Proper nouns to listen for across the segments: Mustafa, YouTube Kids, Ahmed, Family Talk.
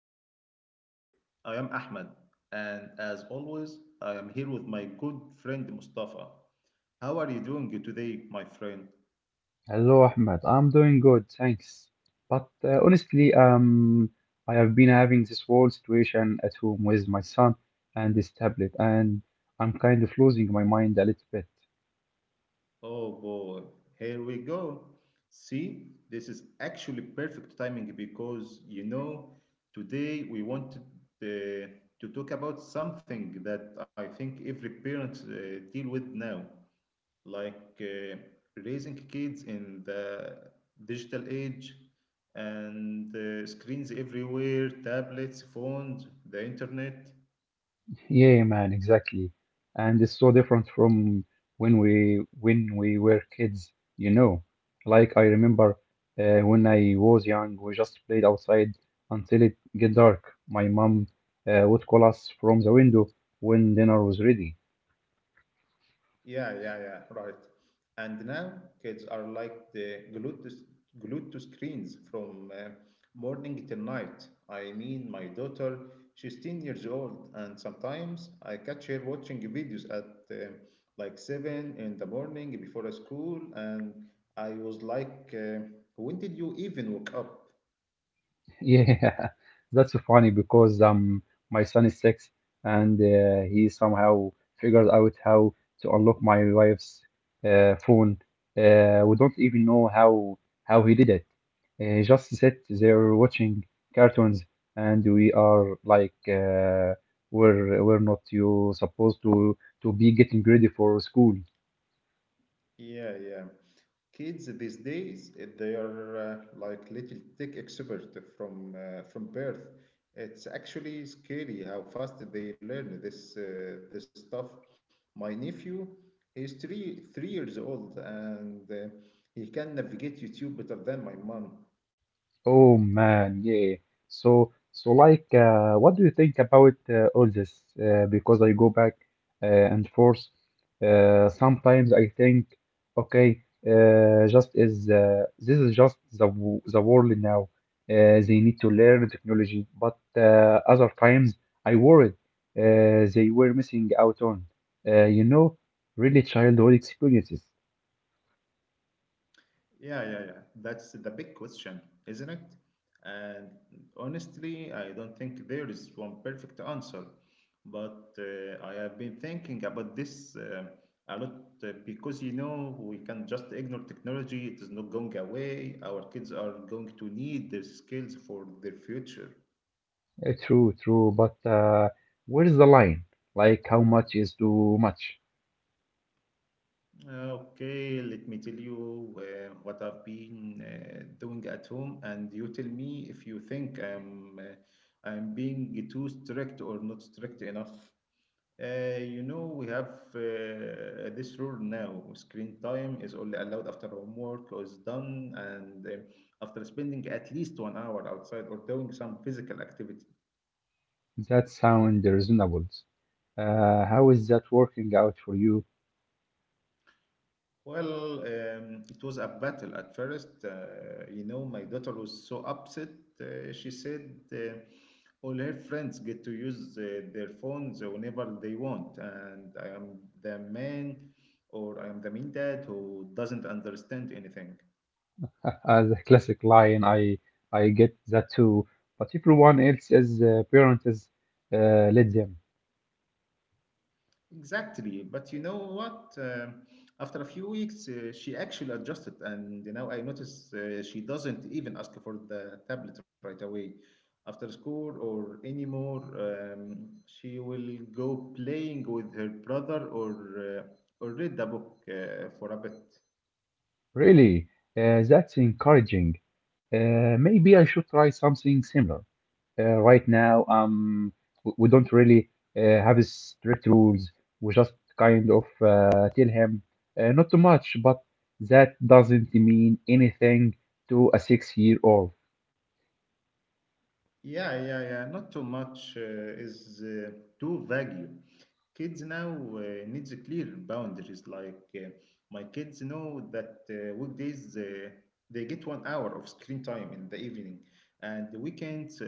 to Family Talk. I am Ahmed, and as always, I am here with my good friend Mustafa. How are you doing today, my friend? Hello, Ahmed. I'm doing good, thanks. But honestly, I have been having this whole situation at home with my son and his tablet, and I'm kind of losing my mind a little bit. Oh boy, here we go. See, this is actually perfect timing because you know, today we wanted uh, to talk about something that I think every parent deal with now. Like raising kids in the digital age and screens everywhere, tablets, phones, the internet. Yeah, man, exactly. And it's so different from when we were kids, you know. Like I remember when I was young, we just played outside until it get dark. My mom would call us from the window when dinner was ready. Yeah, yeah, yeah, right. And now kids are like glued to screens from morning till night. I mean, my daughter, she's 10 years old, and sometimes I catch her watching videos at uh, like 7 in the morning before school, and I was like, when did you even wake up? Yeah, that's funny because my son is 6 and he somehow figured out how to unlock my wife's phone. We don't even know how he did it. Just sit there watching cartoons, and we are like, we're not you supposed to be getting ready for school. Yeah, yeah. Kids these days, eh, they are like little tech expert from birth. It's actually scary how fast they learn this stuff. My nephew, he's three years old, and he can navigate YouTube better than my mom. Oh man, yeah. So like, what do you think about all this? Because I go back and forth. Sometimes I think, okay, just is this is just the world now. They need to learn technology, but other times I worried they were missing out on, uh, you know, really childhood experiences. Yeah, yeah, yeah. That's the big question, isn't it? And honestly, I don't think there is one perfect answer. But I have been thinking about this a lot because you know, we can just ignore technology, it is not going away. Our kids are going to need these skills for their future. True, true, but where's the line? Like, how much is too much? Okay, let me tell you what I've been doing at home, and you tell me if you think I'm being too strict or not strict enough. You know, we have this rule now: screen time is only allowed after homework is done and after spending at least 1 hour outside or doing some physical activity. That sounds reasonable. How is that working out for you? Well, it was a battle at first. You know, my daughter was so upset. She said all her friends get to use their phones whenever they want, and I am the mean dad who doesn't understand anything. As a classic line, I get that too. But everyone else is parent is let them. Exactly, but you know what? After a few weeks, she actually adjusted, and you know, I notice she doesn't even ask for the tablet right away. After school or anymore, she will go playing with her brother or or read the book for a bit. Really, that's encouraging. Maybe I should try something similar. Right now we don't really have strict rules. We just kind of tell him not too much, but that doesn't mean anything to a 6 year old. Yeah, yeah, yeah. Not too much is too vague. Kids now uh, needs clear boundaries. Like my kids know that weekdays they get 1 hour of screen time in the evening, and the weekends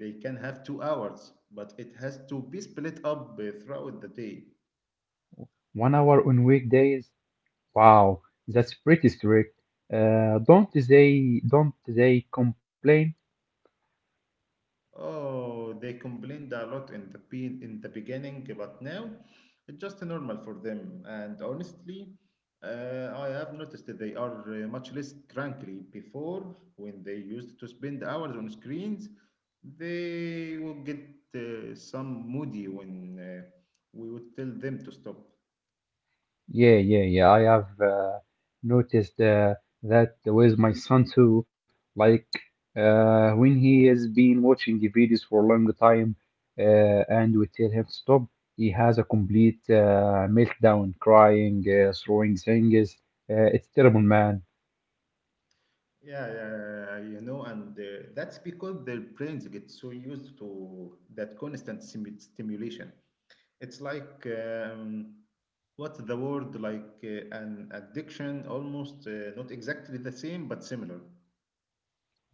they can have 2 hours, but it has to be split up throughout the day. 1 hour on weekdays. Wow, that's pretty strict. Don't they complain? Oh, they complained a lot in the beginning, but now it's just normal for them. And honestly, I have noticed that they are much less cranky. Before, when they used to spend hours on screens, they would get some moody when we would tell them to stop. Yeah, yeah, yeah. I have noticed that with my son too. Like when he has been watching the videos for a long time, and we tell him stop, he has a complete meltdown, crying, throwing things. It's terrible, man. Yeah, yeah, you know, and that's because their brains get so used to that constant stimulation. It's like what's the word like an addiction almost, not exactly the same but similar.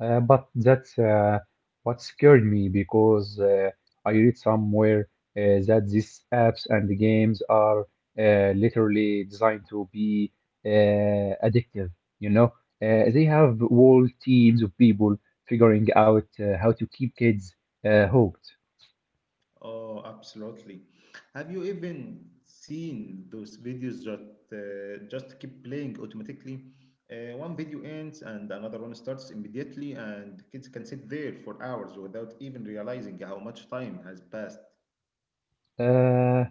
But that's what scared me because I read somewhere that these apps and games are literally designed to be addictive. You know, they have whole teams of people figuring out how to keep kids hooked. Oh absolutely. Have you even seen those videos that just keep playing automatically? One video ends and another one starts immediately, and kids can sit there for hours without even realizing how much time has passed. Uh,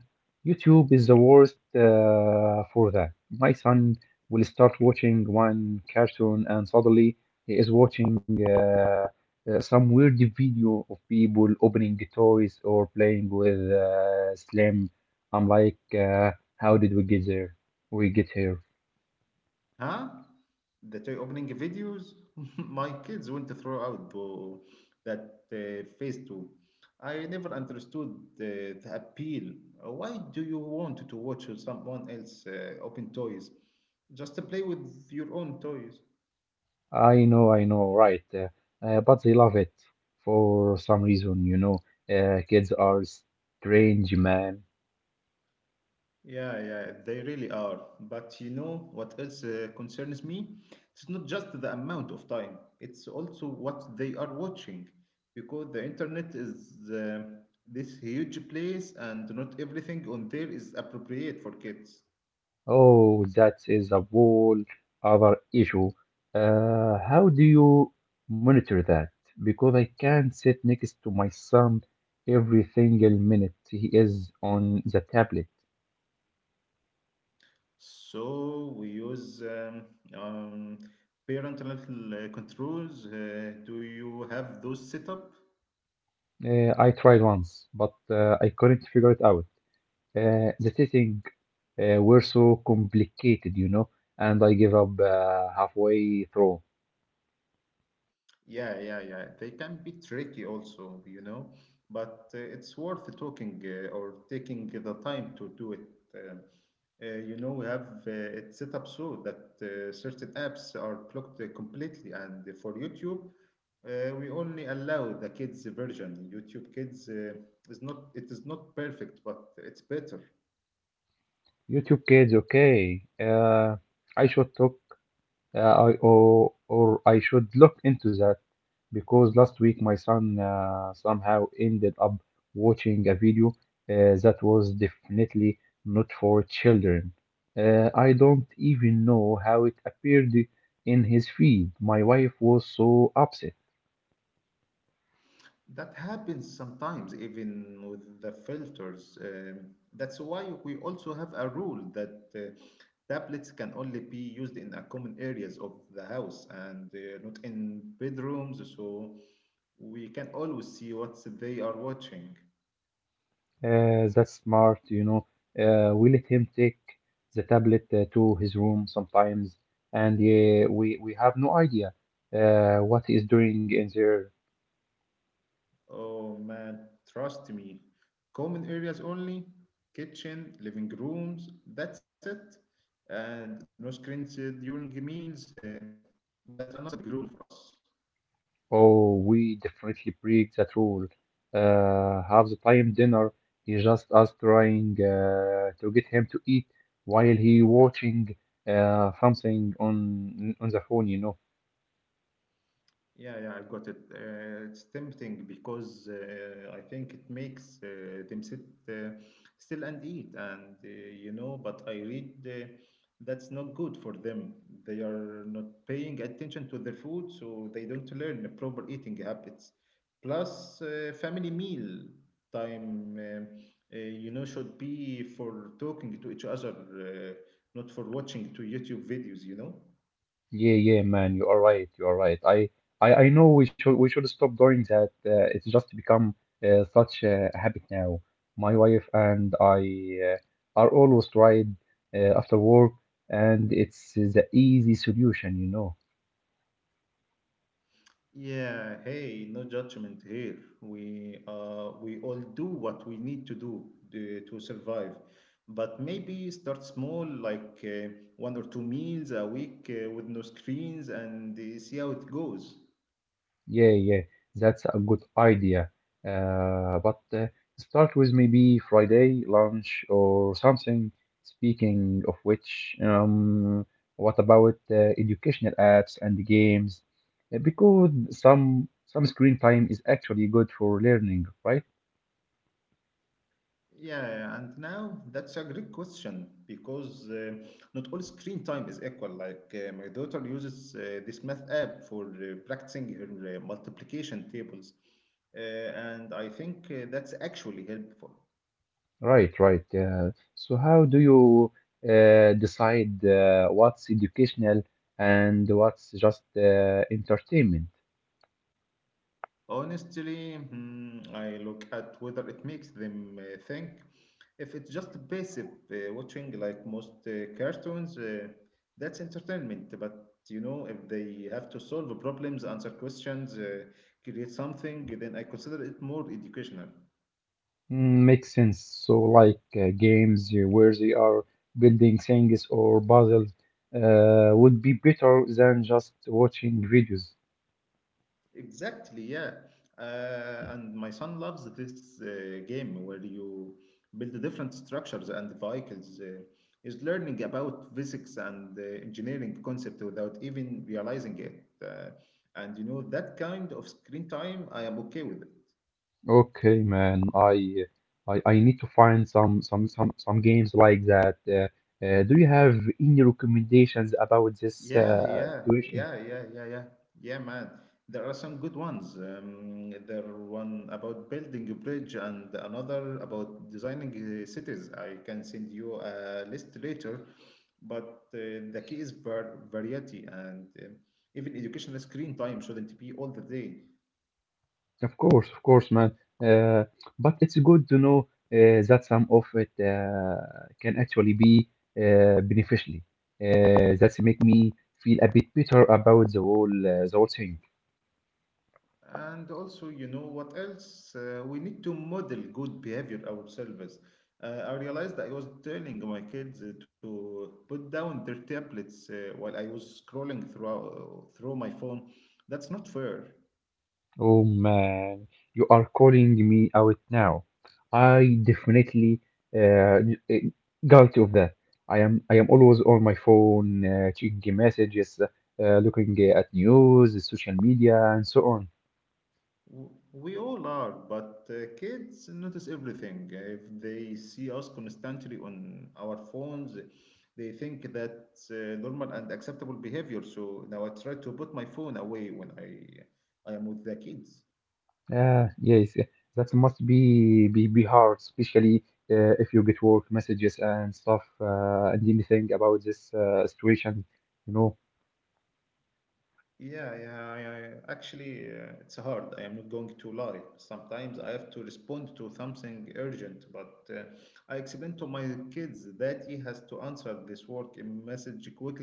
YouTube is the worst for that. My son will start watching one cartoon and suddenly he is watching some weird video of people opening the toys or playing with slime. I'm like, how did we get there? We get here. Huh? That eye opening videos? My kids went throughout the that phase too. I never understood the appeal. Why do you want to watch someone else open toys? Just play with your own toys. I know, right. But they love it for some reason. Kids are strange, man. Yeah, yeah, they really are. But you know what else concerns me? It's not just the amount of time, it's also what they are watching. Because the internet is this huge place, and not everything on there is appropriate for kids. Oh, that is a whole other issue. How do you monitor that? Because I can't sit next to my son every single minute he is on the tablet. So we use um, parental controls. Do you have those set up? I tried once, but I couldn't figure it out. The settings were so complicated, and I gave up halfway through. Yeah, yeah, yeah. They can be tricky also, you know, but it's worth talking or taking the time to do it. Uh, you know, we have it set up so that certain apps are blocked completely, and for YouTube, we only allow the kids version. YouTube Kids is not, it is not perfect, but it's better. YouTube Kids, okay. I should talk I or I should look into that because last week my son somehow ended up watching a video that was definitely not for children. I don't even know how it appeared in his feed. My wife was so upset. That happens sometimes, even with the filters. That's why we also have a rule that tablets can only be used in a common areas of the house and not in bedrooms, so we can always see what they are watching. That's smart. We let him take the tablet to his room sometimes, and we have no idea what he is doing in there. Oh man, trust me. Common areas only, kitchen, living rooms, that's it. And no screens during meals, that's another big rule for us. Oh, we definitely break that rule. Half the time dinner is just us trying to get him to eat while he watching something on the phone. Yeah, yeah, I got it. It's tempting because I think it makes them sit uh, still and eat, and you know, but I read that's not good for them. They are not paying attention to their food, so they don't learn proper eating habits. Plus, family meal time, you know, should be for talking to each other, not for watching to YouTube videos, you know. Yeah, yeah, man, you are right. You are right. I know we should stop doing that. It's just become such a habit now. My wife and I are always tired after work, and it's the easy solution. Yeah, hey, no judgment here. We all do what we need to do to survive, but maybe start small, like one or two meals a week with no screens, and see how it goes. Yeah, yeah, that's a good idea. But start with maybe Friday lunch or something. Speaking of which, what about educational apps and games? Because some screen time is actually good for learning, right? Yeah, and now that's a great question because not all screen time is equal. Like my daughter uses this math app for practicing her multiplication tables, and I think that's actually helpful. Right, right. So how do you decide what's educational and what's just entertainment? Honestly, I look at whether it makes them think. If it's just passive watching, like most cartoons, that's entertainment. But you know, if they have to solve problems, answer questions, create something, then I consider it more educational. Mm, makes sense. So, like games where they are building things or puzzles would be better than just watching videos. Exactly, yeah. And my son loves this game where you build different structures and vehicles. He's learning about physics and engineering concept without even realizing it. And you know, that kind of screen time, I am okay with it. Okay, man, I need to find some games like that. Do you have any recommendations about this Yeah, yeah, situation? yeah, yeah, yeah, yeah, yeah, man. There are some good ones. There one about building a bridge and another about designing cities. I can send you a list later, but the key is variety and, even educational screen time shouldn't be all the day. Of course, man. Uh, but it's good to know that some of it can actually be beneficial. That make me feel a bit better about the whole thing. And also, you know what else? We need to model good behavior ourselves. I realized that I was telling my kids to put down their tablets while I was scrolling through my phone. That's not fair. Oh man, you are calling me out now. I definitely uh, d- guilty of that. I am always on my phone, checking messages, looking at news, social media, and so on. We all are, but kids notice everything. If they see us constantly on our phones, they think that's normal and acceptable behavior. So now I try to put my phone away when I am with the kids. Yeah, yes, yeah. That must be hard, especially if you get work messages and stuff and anything about this situation. You know, Yeah. Actually, it's hard. I am not going to lie. Sometimes I have to respond to something urgent, but I explain to my kids that he has to answer this work message quickly.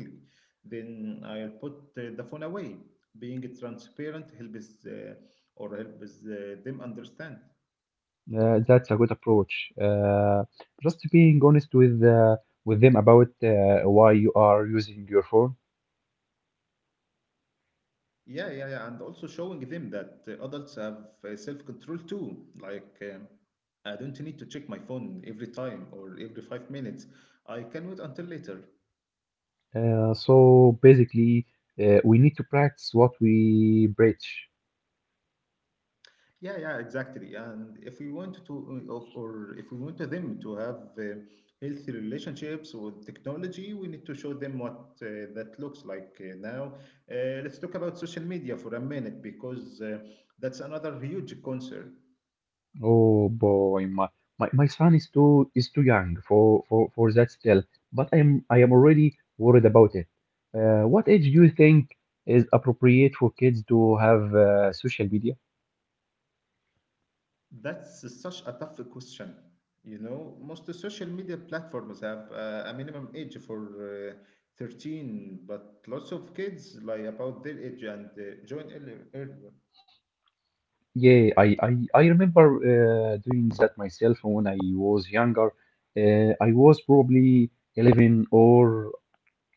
Then I'll put the phone away. Being transparent helps them understand. that's a good approach. Just being honest with them about why you are using your phone. Yeah, yeah, yeah. And also showing them that adults have self-control too. Like, I don't need to check my phone every time or every 5 minutes. I can wait until later. So basically, we need to practice what we preach. Yeah, yeah, exactly. And if we want to, of- or if we want them to have healthy relationships with technology, we need to show them what that looks like now. Let's talk about social media for a minute because that's another huge concern. Oh boy, my son is too young for that still, but I am already worried about it. What age do you think is appropriate for kids to have social media? That's such a tough question. You know, most social media platforms have a minimum age for 13, but lots of kids lie about their age and join earlier. Yeah, I remember doing that myself when I was younger. I was probably 11 or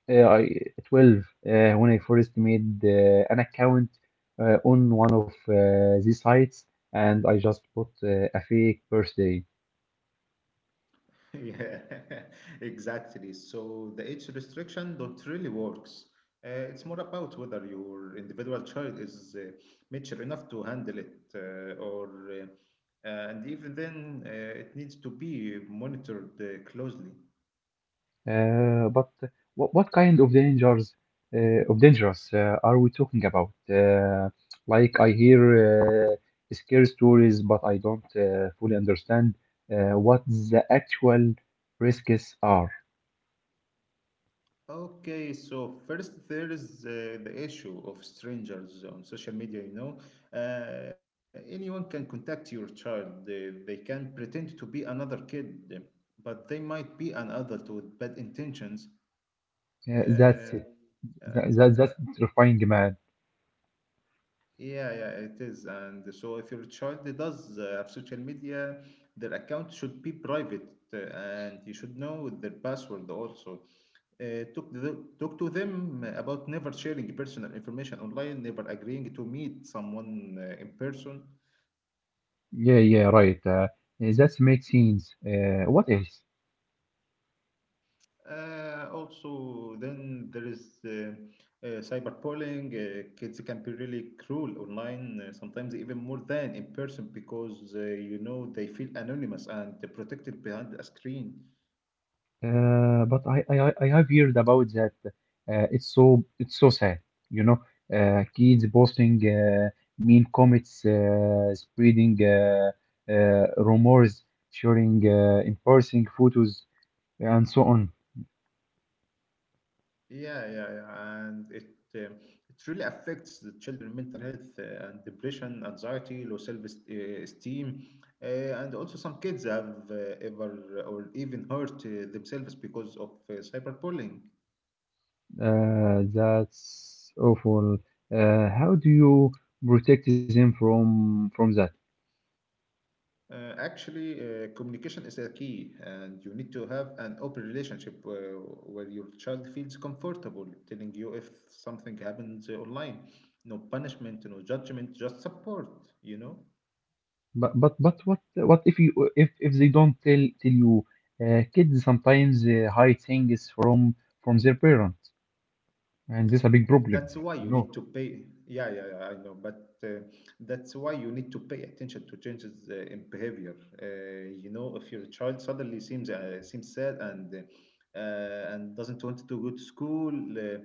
12 when I first made an account on one of these sites and I just put a fake birthday. Yeah, exactly. So the age restriction don't really works. It's more about whether your individual child is mature enough to handle it, or and even then, it needs to be monitored closely. But what kind of dangers are we talking about? Like I hear scary stories, but I don't fully understand what the actual risks are. Okay, so first there is the issue of strangers on social media, you know. Anyone can contact your child. They can pretend to be another kid, but they might be an adult with bad intentions. Uh, that's Uh, that, uh, that, that's terrifying, man. yeah, yeah, it is. And so if your child does have social media, their account should be private and you should know their password also. Talk to them about never sharing personal information online, never agreeing to meet someone in person. Yeah, yeah, right. That makes sense. What else? Also, then there is cyberbullying. Kids can be really cruel online, sometimes even more than in person, because you know they feel anonymous and protected behind a screen. But I have heard about that. It's so sad. You know, kids posting mean comments, spreading rumors, sharing embarrassing photos, and so on. Yeah, yeah, yeah. And uh, it really affects the children' mental health, and depression, anxiety, low self-esteem, and also some kids have ever or even hurt themselves because of cyberbullying. That's awful. How do you protect them from that? Actually, communication is a key, and you need to have an open relationship where your child feels comfortable telling you if something happens online. No punishment, no judgment, just support, you know? But what if you if they don't tell you, kids sometimes hide things from their parents, and this is a big problem That's why you you need know to pay. Yeah, yeah, yeah, I know. But that's why you need to pay attention to changes in behavior. You know, if your child suddenly seems sad and doesn't want to go to school,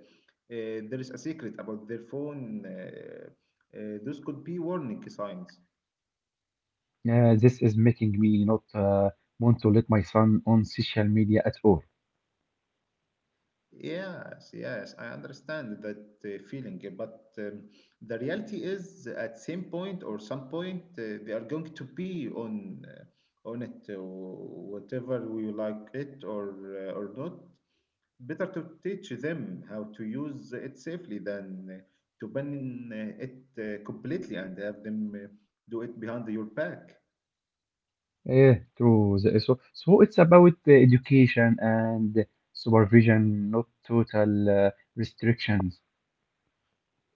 there is a secret about their phone. Those could be warning signs. This is making me not want to let my son on social media at all. Yes, yes, I understand that feeling, but the reality is at some point they are going to be on it, whatever we like it or not. Better to teach them how to use it safely than to ban it completely and have them do it behind your back. Yeah, true. So it's about education and supervision, not total uh, restrictions.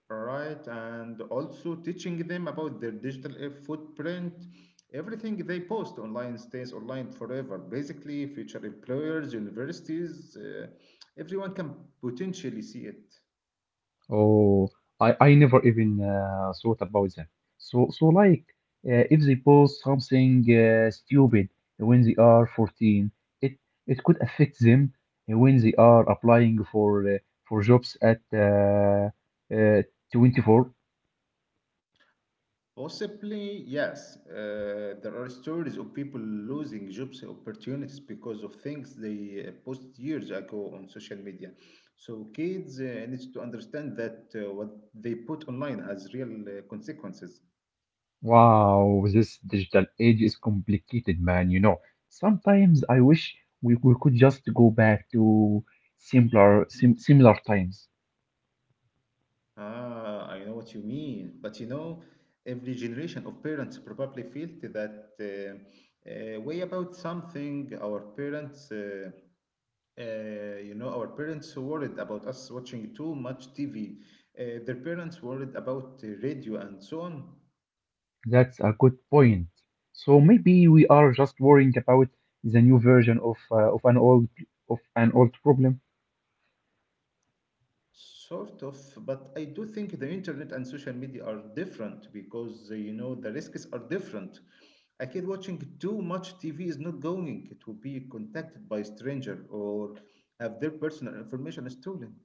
Right, and also teaching them about their digital footprint. Everything they post online stays online forever. Basically, future employers, universities, everyone can potentially see it. Oh, I never even thought about that. So like, if they post something stupid when they are 14, it it could affect them when they are applying for for jobs at uh, 24. Possibly, yes. There are stories of people losing jobs opportunities because of things they post years ago on social media. So kids need to understand that what they put online has real consequences. Wow, this digital age is complicated, man. Sometimes I wish we could just go back to simpler, sim similar times. Ah, I know what you mean. But you know, every generation of parents probably felt that way about something. Our parents worried about us watching too much TV. Their parents worried about radio and so on. That's a good point. So maybe we are just worrying about the new version of an old problem. Sort of, but I do think the internet and social media are different because you know the risks are different. A kid watching too much TV is not going to be contacted by a stranger or have their personal information stolen.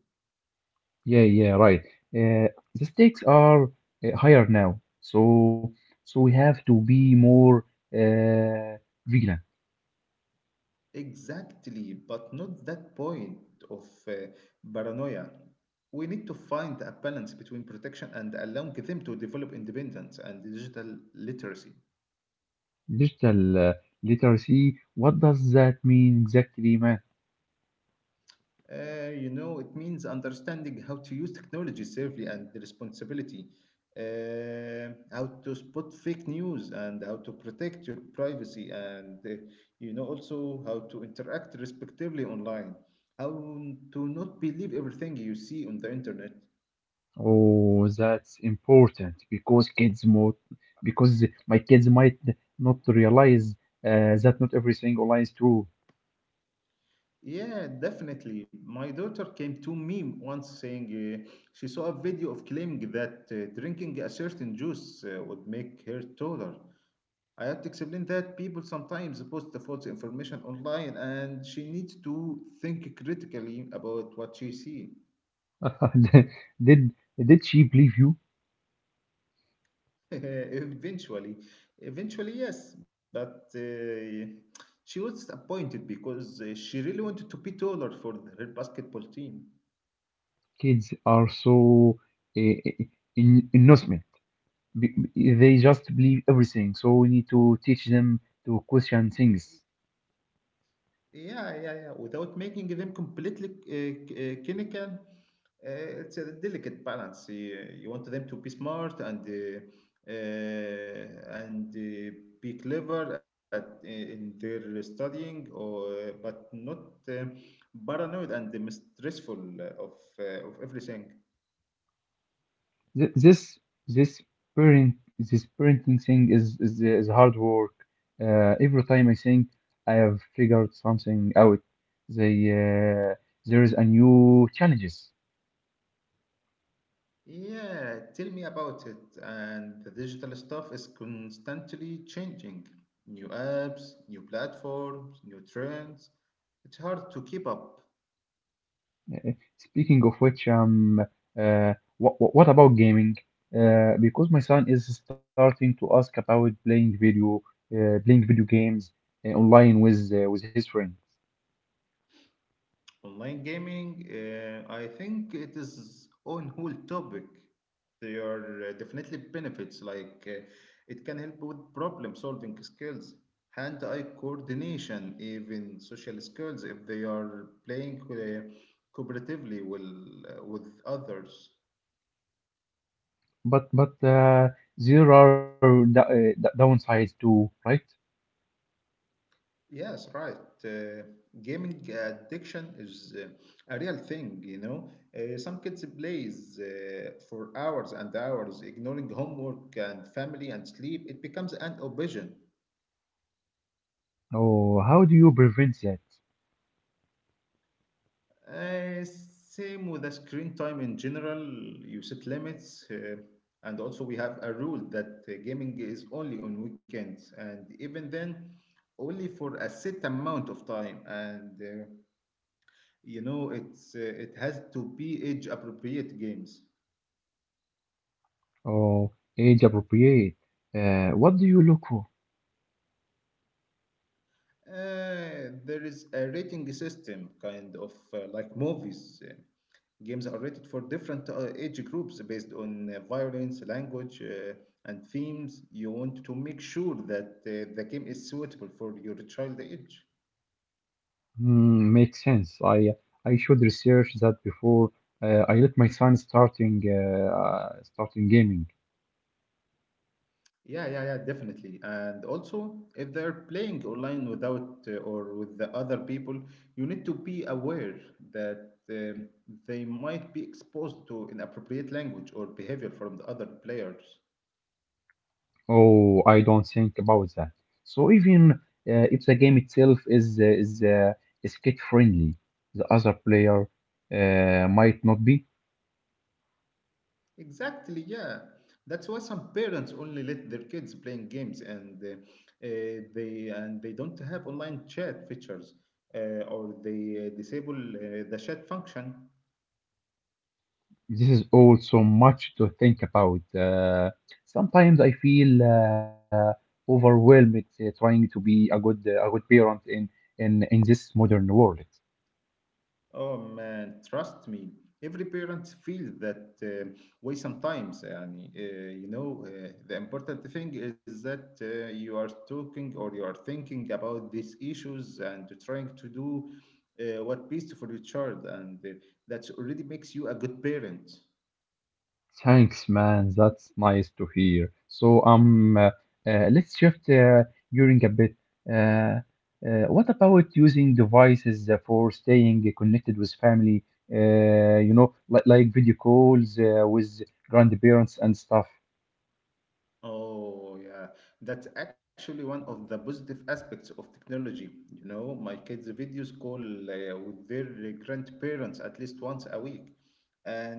Yeah, yeah, right. Uh, the stakes are higher now, so we have to be more uh, vigilant. Exactly, but not that point of paranoia. We need to find a balance between protection and allowing them to develop independence and digital literacy. Digital literacy. What does that mean exactly, man? You know, it means understanding how to use technology safely and the responsibility, how to spot fake news and how to protect your privacy, and you know, also how to interact respectively online, how to not believe everything you see on the internet. Oh, that's important because my kids might not realize that not everything online is true. Yeah, definitely. My daughter came to me once saying she saw a video of claiming that drinking a certain juice would make her taller. I had to explain that people sometimes post the false information online and she needs to think critically about what she sees. Did did she believe you? Eventually, eventually, yes, but she was disappointed because she really wanted to be taller for her basketball team. Kids are so uh, innocent. They just believe everything. So we need to teach them to question things. Yeah, yeah, yeah. Without making them completely clinical, it's a delicate balance. You want them to be smart and be clever at in their studying, or but not uh, paranoid and stressful of of everything. Th- This this parent this parenting thing is hard work. Every time I think I have figured something out, they uh, there is a new challenges. Yeah, tell me about it. And the digital stuff is constantly changing. New apps, new platforms, new trends. It's hard to keep up. Speaking of which, what about gaming? Because my son is starting to ask about playing video games online with his friends. Online gaming, I think it is own whole topic. There are definitely benefits, like it can help with problem solving skills, hand-eye coordination, even social skills if they are playing cooperatively well, with others. But there are downsides too, right? Yes, right. Uh, Gaming addiction is a real thing, you know. Some kids plays for hours and hours, ignoring homework and family and sleep. It becomes an obsession. Oh, how do you prevent that? Same with the screen time in general. You set limits, and also we have a rule that gaming is only on weekends, and even then, only for a set amount of time. And You know, it has to be age-appropriate games. Oh, age appropriate. What do you look for? There is a rating system, kind of like movies. Games are rated for different age groups based on violence, language, and themes. You want to make sure that the game is suitable for your child age. Hmm, makes sense. I should research that before I let my son starting gaming. Yeah, yeah, yeah, definitely. And also, if they're playing online without or with the other people, you need to be aware that they might be exposed to inappropriate language or behavior from the other players. Oh, I don't think about that. So even if the game itself is kid friendly, the other player might not be. Exactly, yeah. That's why some parents only let their kids playing games and they don't have online chat features or they disable the chat function. This is also much to think about. Sometimes I feel overwhelmed trying to be a good parent in this modern world. Oh man, trust me. Every parent feels that way sometimes. You know, the important thing is that you are thinking about these issues and trying to do what best for your child, and that already makes you a good parent. Thanks, man. That's nice to hear. So, let's shift during a bit. Uh, what about using devices for staying connected with family? You know, like video calls with grandparents and stuff. Oh, yeah. That's actually one of the positive aspects of technology. You know, my kids' videos call with their grandparents at least once a week. And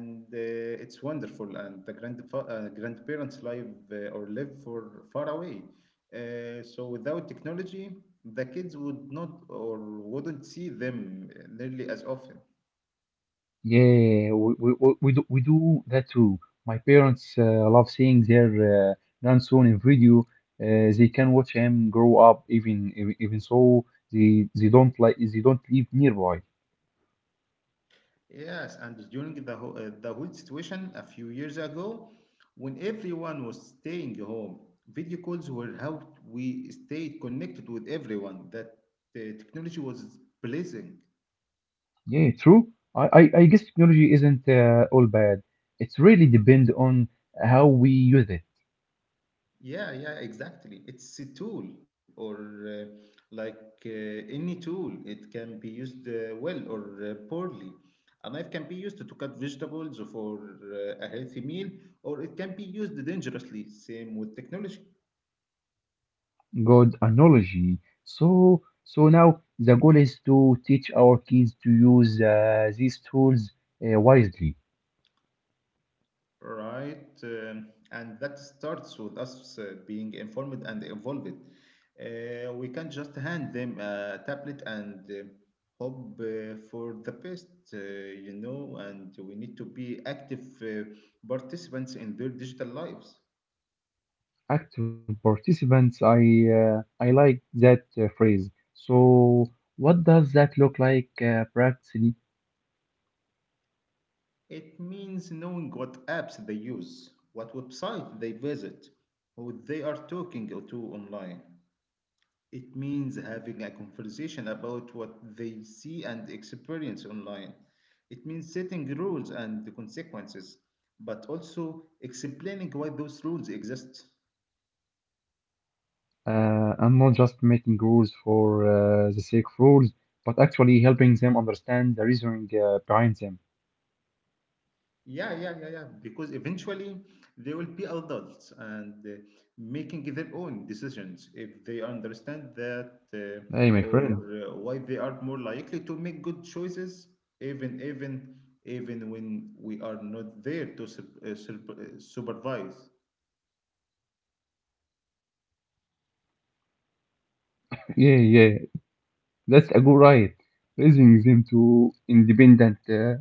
It's wonderful. And the grandfa grandparents live for far away. So without technology, the kids would not or wouldn't see them nearly as often. Yeah, we do that too. My parents love seeing their grandson in video. They can watch him grow up, even so they don't like they don't live nearby. Yes, and during the whole situation a few years ago, when everyone was staying home, video calls were how we stayed connected with everyone. That the technology was blessing. Yeah, true. I guess technology isn't all bad. It's really depend on how we use it. Yeah, yeah, exactly. It's a tool, or uh, like any tool, it can be used well or poorly. A knife can be used to cut vegetables for a healthy meal, or it can be used dangerously. Same with technology. Good analogy. So now the goal is to teach our kids to use these tools wisely. Right. And that starts with us being informed and involved. We can't just hand them a tablet and hope for the best, you know, and we need to be active participants in their digital lives. Active participants, I like that phrase. So what does that look like practically? It means knowing what apps they use, what website they visit, who they are talking to online. It means having a conversation about what they see and experience online. It means setting rules and the consequences, but also explaining why those rules exist. I'm not just making rules for the sake of rules, but actually helping them understand the reasoning behind them. Yeah, yeah, yeah, yeah. Because eventually they will be adults and making their own decisions if they understand that Hey, my Yeah. friend. or why they are more likely to make good choices, even even even when we are not there to supervise. Yeah, yeah, that's a good right. Raising them to independent,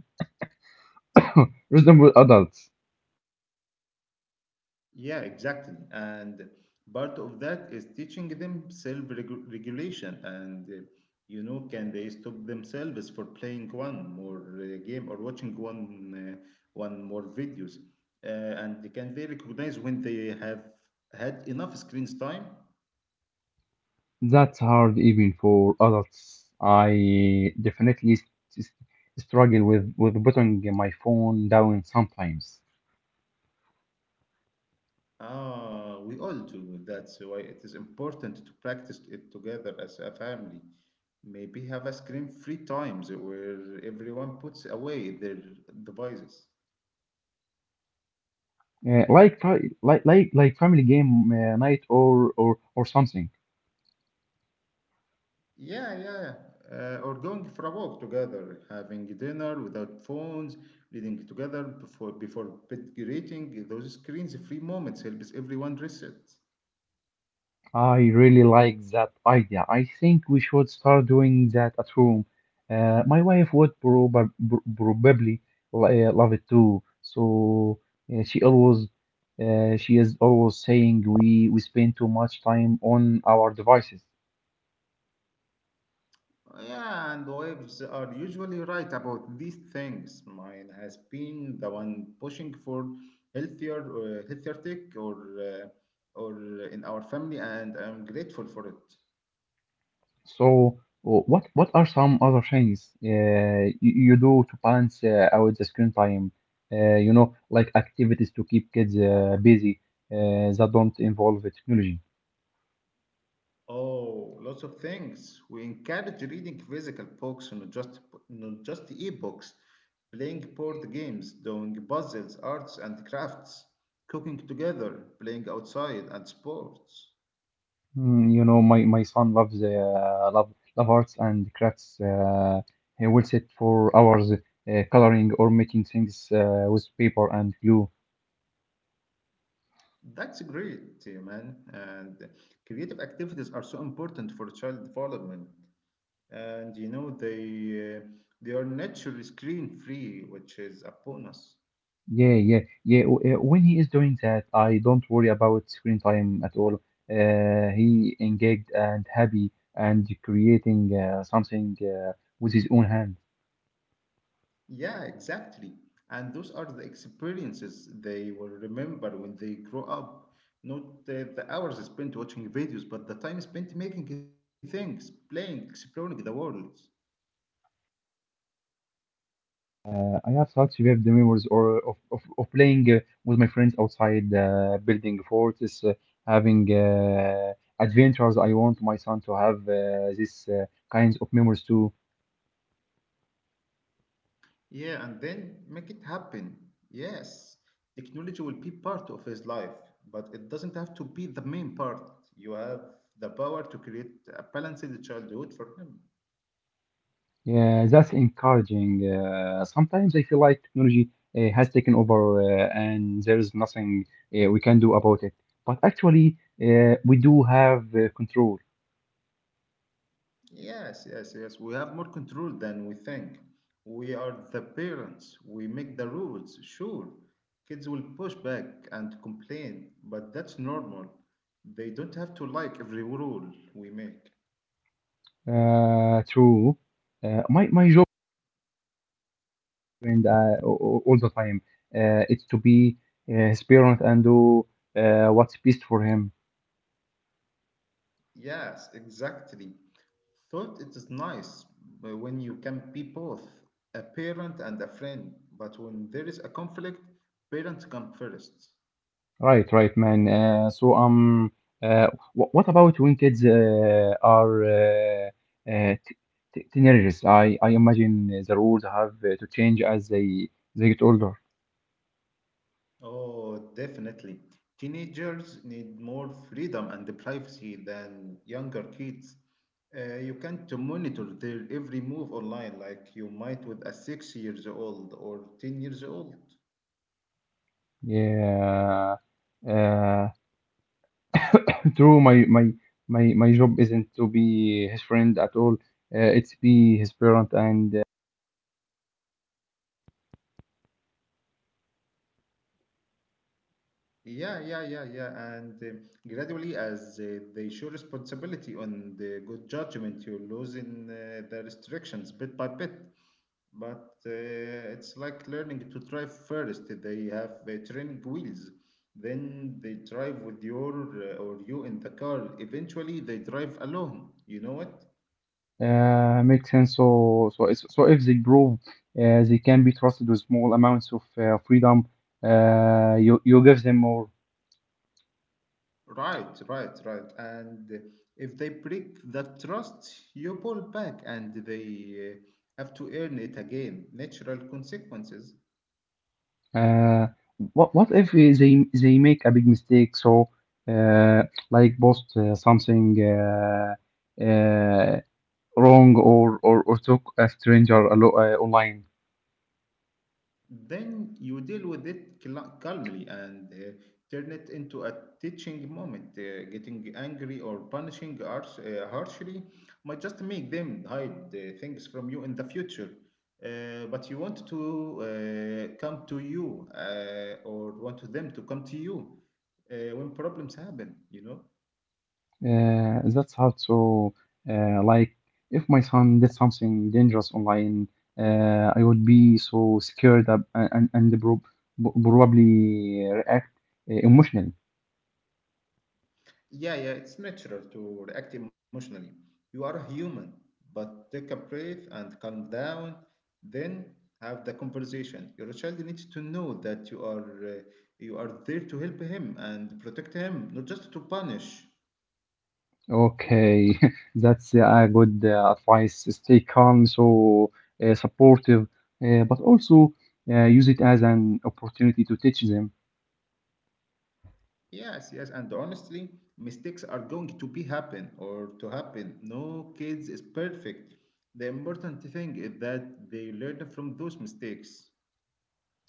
reasonable adults. Yeah, exactly. And part of that is teaching them self-regulation. And You know, can they stop themselves for playing one more game or watching one more videos? Uh, and can they recognize when they have had enough screen time? That's hard even for adults. I definitely s- struggle with putting my phone down sometimes. Ah, we all do. That's why it is important to practice it together as a family. Maybe have a screen-free times where everyone puts away their devices. Like, like family game night or something. Yeah, yeah. Or going for a walk together, having dinner without phones, reading together before bed greeting. Those screens-free moments helps everyone reset. I really like that idea. I think we should start doing that at home. My wife would probably love it too. So she always, she is always saying we spend too much time on our devices. Yeah, and wives are usually right about these things. Mine has been the one pushing for healthier tech, uh, or in our family, and I'm grateful for it. So what are some other things you do to balance out the screen time? You know, like activities to keep kids busy that don't involve technology. Oh, lots of things. We encourage reading physical books, not just e-books. Playing board games, doing puzzles, arts and crafts, cooking together, playing outside, and sports. Mm, you know, my son loves love arts and crafts. He will sit for hours coloring or making things with paper and glue. That's great, man. And creative activities are so important for child development. And you know they are naturally screen free, which is a bonus. Yeah, yeah, When he is doing that, I don't worry about screen time at all. He engaged and happy and creating something with his own hands. Yeah, exactly. And those are the experiences they will remember when they grow up. Not the hours spent watching videos, but the time spent making things, playing, exploring the world. I have such vivid memories or of playing with my friends outside, building forts, having adventures. I want my son to have this kinds of memories too. Yeah, and then make it happen. Yes, technology will be part of his life, but it doesn't have to be the main part. You have the power to create a balanced childhood for him. Yeah, that's encouraging. Sometimes I feel like technology has taken over and there is nothing we can do about it. But actually, we do have control. Yes, yes, yes. We have more control than we think. We are the parents. We make the rules. Sure, kids will push back and complain, but that's normal. They don't have to like every rule we make. True. My friend all the time. It's to be his parent and do what's best for him. Yes, exactly. Thought it is nice but when you can be both a parent and a friend, but when there is a conflict, parents come first. Right, right, man. So uh, wh- what about when kids uh, t- teenagers? I imagine the rules have to change as they get older. Oh, definitely. Teenagers need more freedom and privacy than younger kids. You can't monitor their every move online like you might with a 6 years old or 10 years old. Yeah, uh, true. My job isn't to be his friend at all. It's be his parent and Yeah, yeah, yeah, yeah. And Gradually, as they show responsibility on the good judgment, you lose in the restrictions bit by bit. But it's like learning to drive first. They have training wheels, then they drive with you in the car. Eventually, they drive alone. You know what? Makes sense. So if they prove they can be trusted with small amounts of freedom. You give them more. Right, right, right. And if they break that trust, you pull back, and they have to earn it again. Natural consequences. Uh, what if they make a big mistake? So, uh, like post something uh, wrong or talk a stranger online. Then you deal with it calmly and turn it into a teaching moment. Getting angry or punishing harshly might just make them hide things from you in the future. But you want to come to you or want them to come to you when problems happen, you know? That's hard. So, like, if my son did something dangerous online, I would be so scared and probably react emotionally. Yeah, yeah, it's natural to react emotionally. You are a human, but take a breath and calm down, then have the conversation. Your child needs to know that you are there to help him and protect him, not just to punish. Okay, that's a good advice. Stay calm, so supportive, but also use it as an opportunity to teach them. Yes, yes, and honestly, mistakes are going to be happen or to happen. No kids is perfect. The important thing is that they learn from those mistakes.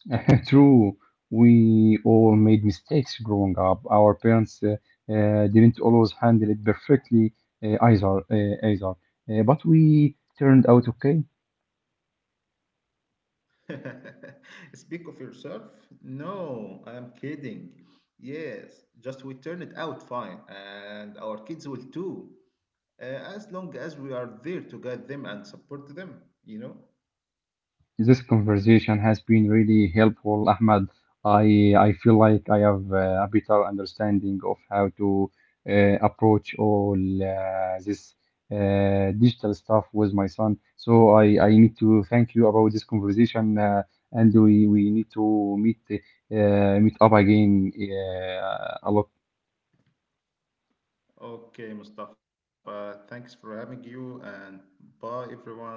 True, we all made mistakes growing up. Our parents didn't always handle it perfectly either. But we turned out okay. Speak of yourself? No, I'm kidding. Yes, just we turn it out fine, and our kids will too, uh, as long as we are there to guide them and support them, you know? This conversation has been really helpful, Ahmad. I feel like I have a better understanding of how to uh, approach all this digital stuff with my son. So I need to thank you about this conversation, and we need to meet meet up again a lot. Okay, Mustafa, thanks for having you, and bye, everyone.